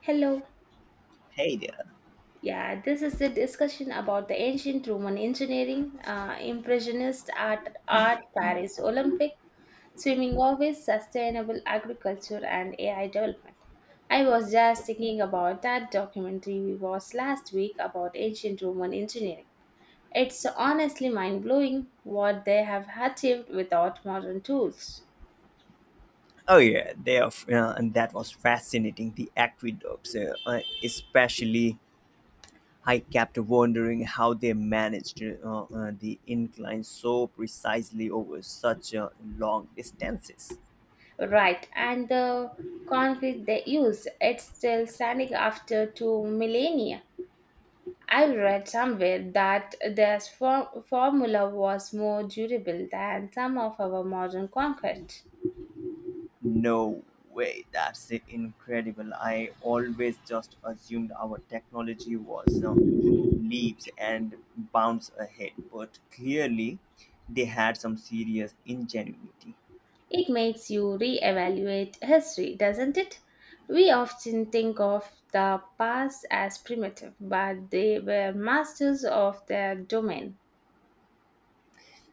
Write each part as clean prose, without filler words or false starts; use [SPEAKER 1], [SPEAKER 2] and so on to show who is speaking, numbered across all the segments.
[SPEAKER 1] Hello.
[SPEAKER 2] Hey there.
[SPEAKER 1] Yeah, this is the discussion about the ancient Roman engineering, impressionist art, Paris Olympic, swimming always, sustainable agriculture, and AI development. I was just thinking about that documentary we watched last week about ancient Roman engineering. It's honestly mind blowing what they have achieved without modern tools.
[SPEAKER 2] Oh yeah, they are. And that was fascinating. The aqueducts, especially, I kept wondering how they managed the incline so precisely over such long distances.
[SPEAKER 1] Right, and the concrete they used, it's still standing after two millennia. I read somewhere that their formula was more durable than some of our modern conquests.
[SPEAKER 2] No way, that's incredible. I always just assumed our technology was leaps and bounds ahead, but clearly, they had some serious ingenuity.
[SPEAKER 1] It makes you reevaluate history, doesn't it? We often think of the past as primitive, but they were masters of their domain.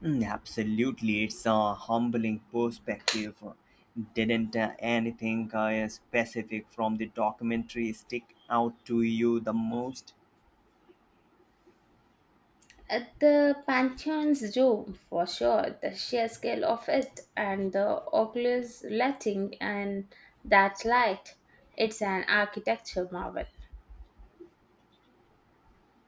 [SPEAKER 2] Mm, absolutely, it's a humbling perspective. Didn't anything specific from the documentary stick out to you the most?
[SPEAKER 1] At the Pantheon's dome, for sure, the sheer scale of it and the oculus lighting and that light, it's an architecture marvel.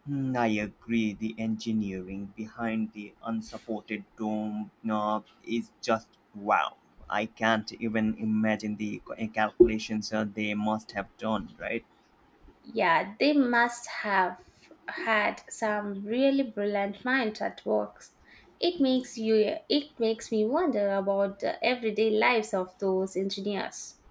[SPEAKER 2] Mm, I agree, the engineering behind the unsupported dome knob is just wow. I can't even imagine the calculations they must have done, right?
[SPEAKER 1] Yeah, they must have had some really brilliant minds at work. It makes me wonder about the everyday lives of those engineers.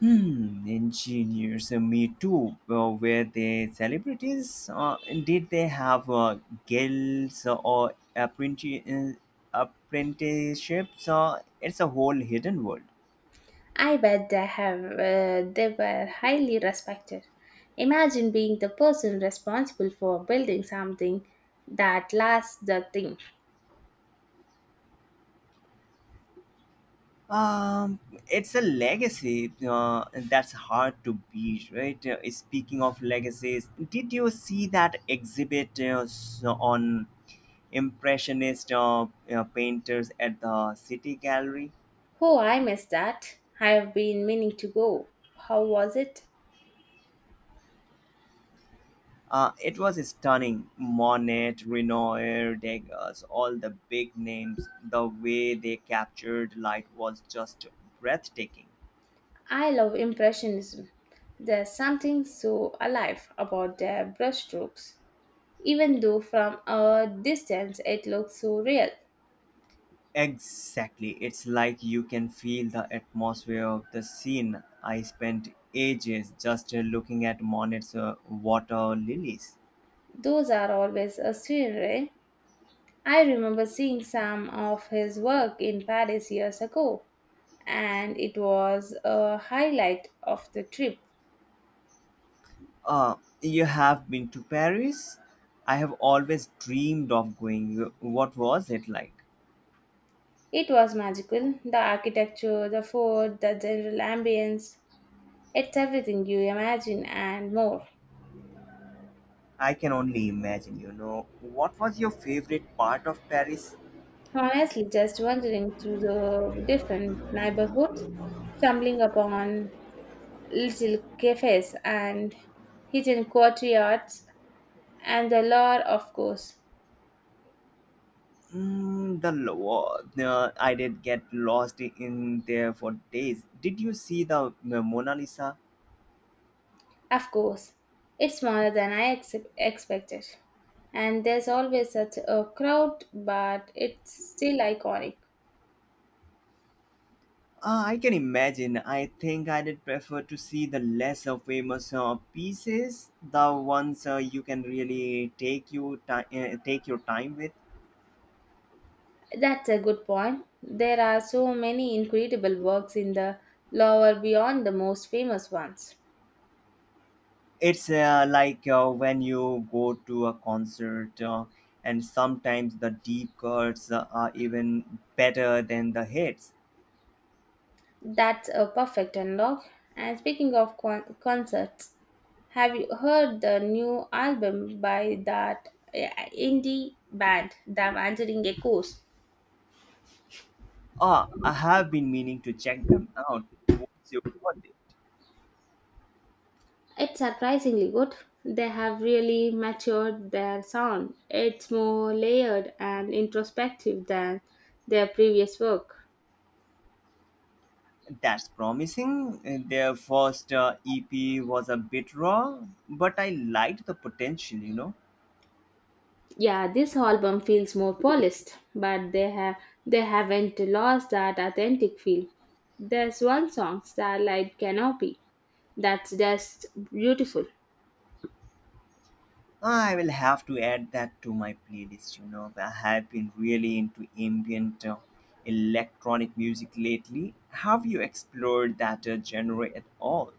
[SPEAKER 2] Hmm, engineers, me too. Were they celebrities? Did they have guilds or apprenticeships? It's a whole hidden world.
[SPEAKER 1] I bet they were highly respected. Imagine being the person responsible for building something that lasts the thing.
[SPEAKER 2] Um, it's a legacy that's hard to beat, right? Speaking of legacies, did you see that exhibit on impressionist painters at the City Gallery?
[SPEAKER 1] Oh, I missed that. I have been meaning to go. How was it?
[SPEAKER 2] It was stunning. Monet, Renoir, Degas, all the big names. The way they captured light was just breathtaking.
[SPEAKER 1] I love Impressionism. There's something so alive about their brushstrokes. Even though from a distance it looks so real,
[SPEAKER 2] Exactly. It's like you can feel the atmosphere of the scene. I spent ages just looking at Monet's water lilies.
[SPEAKER 1] those are always a scenery. I remember seeing some of his work in Paris years ago, and it was a highlight of the trip.
[SPEAKER 2] You have been to Paris? I have always dreamed of going. What was it like?
[SPEAKER 1] It was magical the architecture, the food, the general ambience. It's everything you imagine and more.
[SPEAKER 2] I can only imagine, What was your favorite part of Paris?
[SPEAKER 1] Honestly, just wandering through the different neighborhoods, stumbling upon little cafes and hidden courtyards, and the lore, of course.
[SPEAKER 2] Mm, the law. I did get lost in there for days. Did you see the Mona Lisa?
[SPEAKER 1] Of course, it's smaller than I expected, and there's always such a crowd, but it's still iconic.
[SPEAKER 2] I can imagine. I think I did prefer to see the lesser famous pieces, the ones you can really take you take your time with.
[SPEAKER 1] That's a good point. There are so many incredible works in the lore beyond the most famous ones.
[SPEAKER 2] It's like when you go to a concert, and sometimes the deep cuts are even better than the hits.
[SPEAKER 1] That's a perfect unlock. And speaking of concerts, have you heard the new album by that indie band, The Answering Echoes?
[SPEAKER 2] Ah, I have been meaning to check them out. What's your birthday?
[SPEAKER 1] It's surprisingly good. They have really matured their sound. It's more layered and introspective than their previous work.
[SPEAKER 2] That's promising. Their first EP was a bit raw, but I liked the potential,
[SPEAKER 1] Yeah, this album feels more polished, but they haven't lost that authentic feel. There's one song, Starlight Canopy, that's just beautiful.
[SPEAKER 2] I will have to add that to my playlist. You know, I have been really into ambient electronic music lately. Have you explored that genre at all?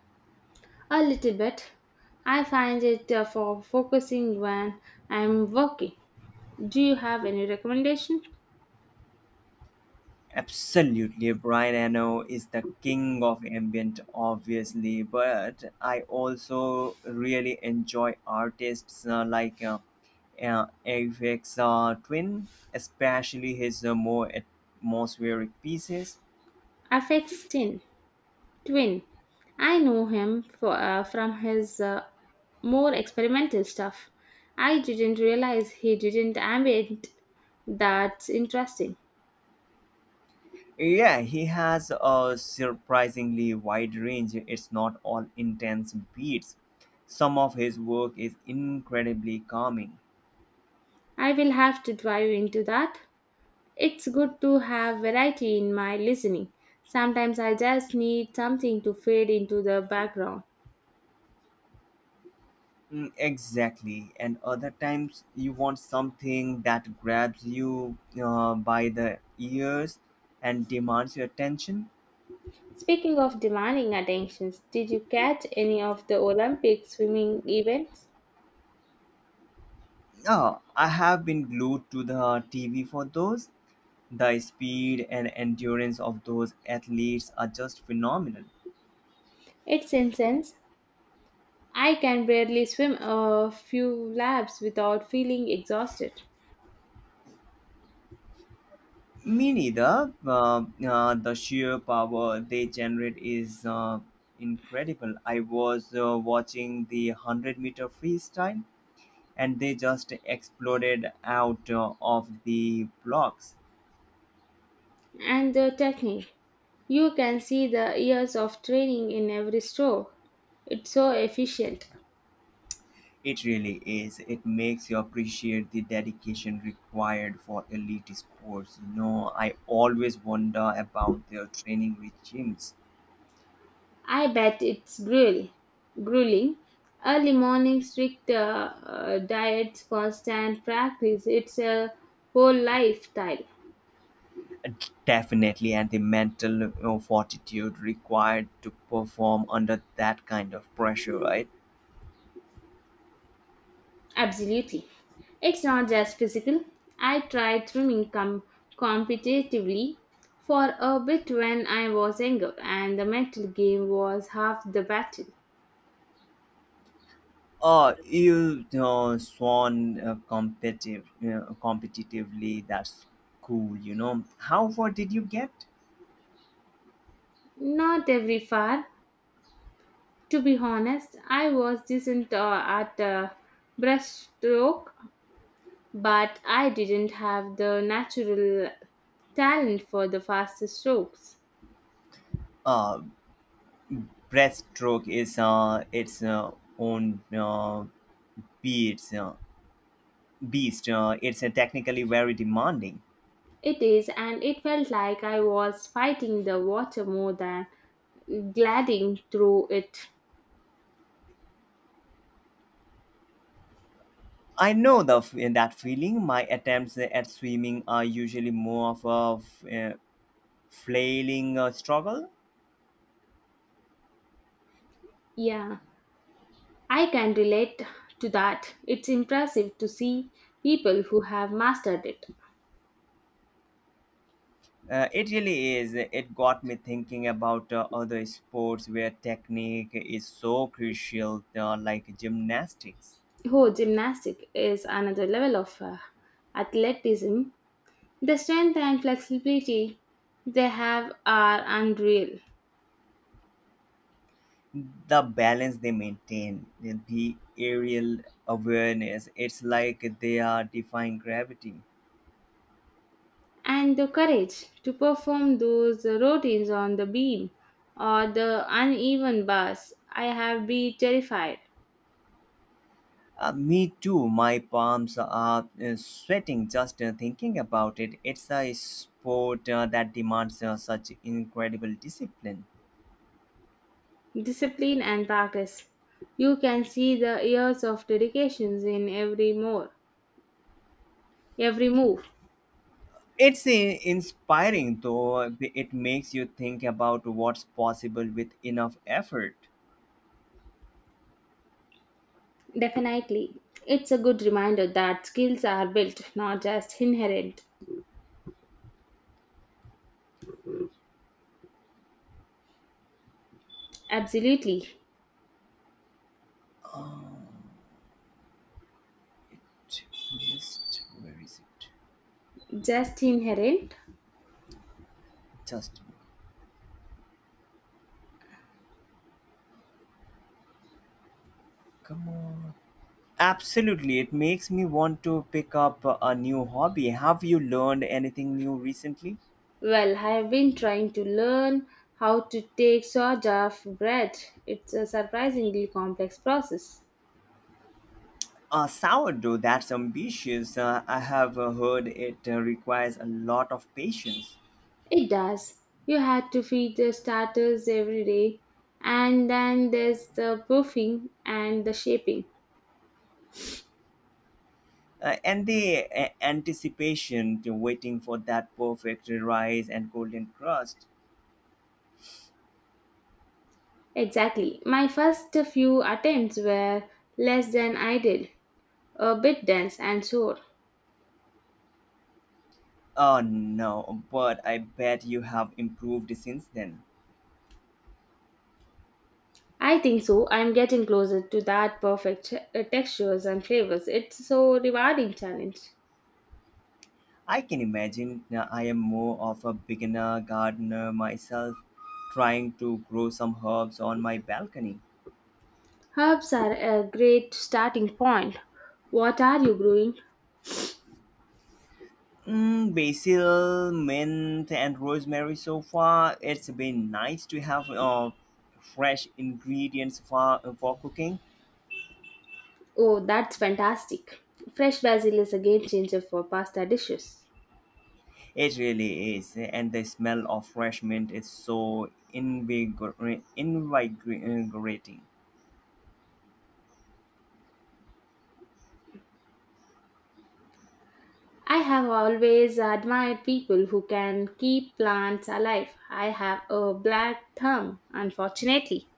[SPEAKER 1] A little bit. I find it for focusing when I'm working. Do you have any recommendation?
[SPEAKER 2] Absolutely, Brian Eno is the king of ambient, obviously, but I also really enjoy artists like Aphex Twin, especially his more atmospheric pieces.
[SPEAKER 1] Affects Tin. Twin. I know him for, from his more experimental stuff. I didn't realize he didn't ambient. That's interesting.
[SPEAKER 2] Yeah, he has a surprisingly wide range. It's not all intense beats. Some of his work is incredibly calming.
[SPEAKER 1] I will have to dive into that. It's good to have variety in my listening. Sometimes I just need something to fade into the background.
[SPEAKER 2] Mm, exactly. And other times you want something that grabs you by the ears and demands your attention.
[SPEAKER 1] Speaking of demanding attentions, did you catch any of the Olympic swimming events?
[SPEAKER 2] Oh, I have been glued to the TV for those. The speed and endurance of those athletes are just phenomenal.
[SPEAKER 1] It's intense, I can barely swim a few laps without feeling exhausted.
[SPEAKER 2] Me neither. The sheer power they generate is incredible. I was watching the 100-meter freestyle and they just exploded out of the blocks.
[SPEAKER 1] And the technique. You can see the years of training in every stroke. It's so efficient.
[SPEAKER 2] It really is. It makes you appreciate the dedication required for elite sports. You know, I always wonder about their training regimes.
[SPEAKER 1] I bet it's grueling. Grueling. Early morning, strict diets, constant practice. It's a whole lifestyle.
[SPEAKER 2] Definitely, and the mental fortitude required to perform under that kind of pressure, right?
[SPEAKER 1] Absolutely. It's not just physical. I tried swimming competitively for a bit when I was younger, and the mental game was half the battle.
[SPEAKER 2] Oh, you swan competitively. That's cool, How far did you get?
[SPEAKER 1] Not every far. To be honest, I was decent at breaststroke, but I didn't have the natural talent for the fastest strokes.
[SPEAKER 2] Uh, Breaststroke is its own beast. It's technically very demanding.
[SPEAKER 1] It is, and it felt like I was fighting the water more than gliding through it.
[SPEAKER 2] I know that feeling. My attempts at swimming are usually more of a flailing struggle.
[SPEAKER 1] Yeah, I can relate to that. It's impressive to see people who have mastered it.
[SPEAKER 2] It really is. It got me thinking about other sports where technique is so crucial, like gymnastics.
[SPEAKER 1] Oh, gymnastic is another level of athleticism. The strength and flexibility they have are unreal.
[SPEAKER 2] The balance they maintain, the aerial awareness, it's like they are defying gravity.
[SPEAKER 1] And the courage to perform those routines on the beam or the uneven bars. I have been terrified.
[SPEAKER 2] Me too, my palms are sweating just thinking about it. It's a sport that demands such incredible discipline.
[SPEAKER 1] Discipline and practice. You can see the years of dedications in every move.
[SPEAKER 2] It's inspiring, though it makes you think about what's possible with enough effort.
[SPEAKER 1] Definitely. It's a good reminder that skills are built, not just inherent. Absolutely.
[SPEAKER 2] Uh, to where is it?
[SPEAKER 1] Just inherent?
[SPEAKER 2] Just a minute. Come on. Absolutely, it makes me want to pick up a new hobby. Have you learned anything new recently?
[SPEAKER 1] Well, I have been trying to learn how to take sourdough bread. It's a surprisingly complex process.
[SPEAKER 2] Sourdough, that's ambitious. I have heard it requires a lot of patience
[SPEAKER 1] It does. You had to feed the starters every day, and then there's the proofing and the shaping.
[SPEAKER 2] and the anticipation to waiting for that perfect rise and golden crust.
[SPEAKER 1] Exactly. My first few attempts were less than ideal, a bit dense and sore.
[SPEAKER 2] Oh no, but I bet you have improved since then.
[SPEAKER 1] I think so. I'm getting closer to that perfect textures and flavors. It's so rewarding challenge.
[SPEAKER 2] I can imagine, I am more of a beginner gardener myself, trying to grow some herbs on my balcony.
[SPEAKER 1] Herbs are a great starting point. What are you growing?
[SPEAKER 2] Mm, basil, mint, and rosemary so far. It's been nice to have fresh ingredients for cooking.
[SPEAKER 1] Oh, that's fantastic. Fresh basil is a game changer for pasta dishes.
[SPEAKER 2] It really is. And the smell of fresh mint is so invigorating.
[SPEAKER 1] I have always admired people who can keep plants alive. I have a black thumb, unfortunately.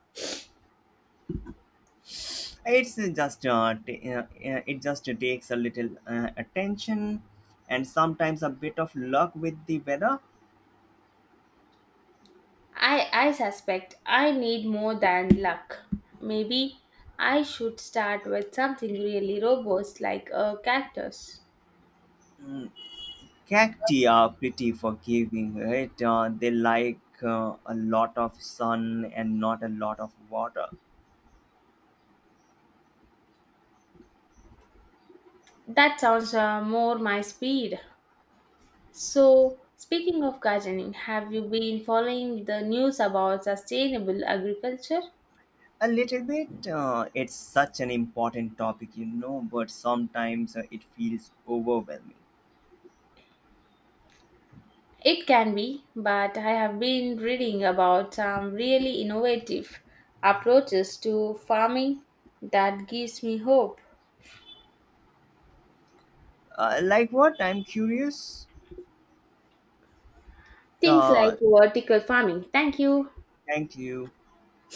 [SPEAKER 2] It's just it just takes a little attention and sometimes a bit of luck with the weather.
[SPEAKER 1] I suspect I need more than luck. Maybe I should start with something really robust like a cactus.
[SPEAKER 2] Cacti are pretty forgiving, right? They like a lot of sun and not a lot of water.
[SPEAKER 1] That sounds more my speed. So, speaking of gardening, have you been following the news about sustainable agriculture?
[SPEAKER 2] A little bit, it's such an important topic, you know, but sometimes it feels overwhelming.
[SPEAKER 1] It can be, but I have been reading about some really innovative approaches to farming that gives me hope.
[SPEAKER 2] Like what? I'm curious.
[SPEAKER 1] Things like
[SPEAKER 2] uh,
[SPEAKER 1] vertical farming. Thank you.
[SPEAKER 2] Thank you.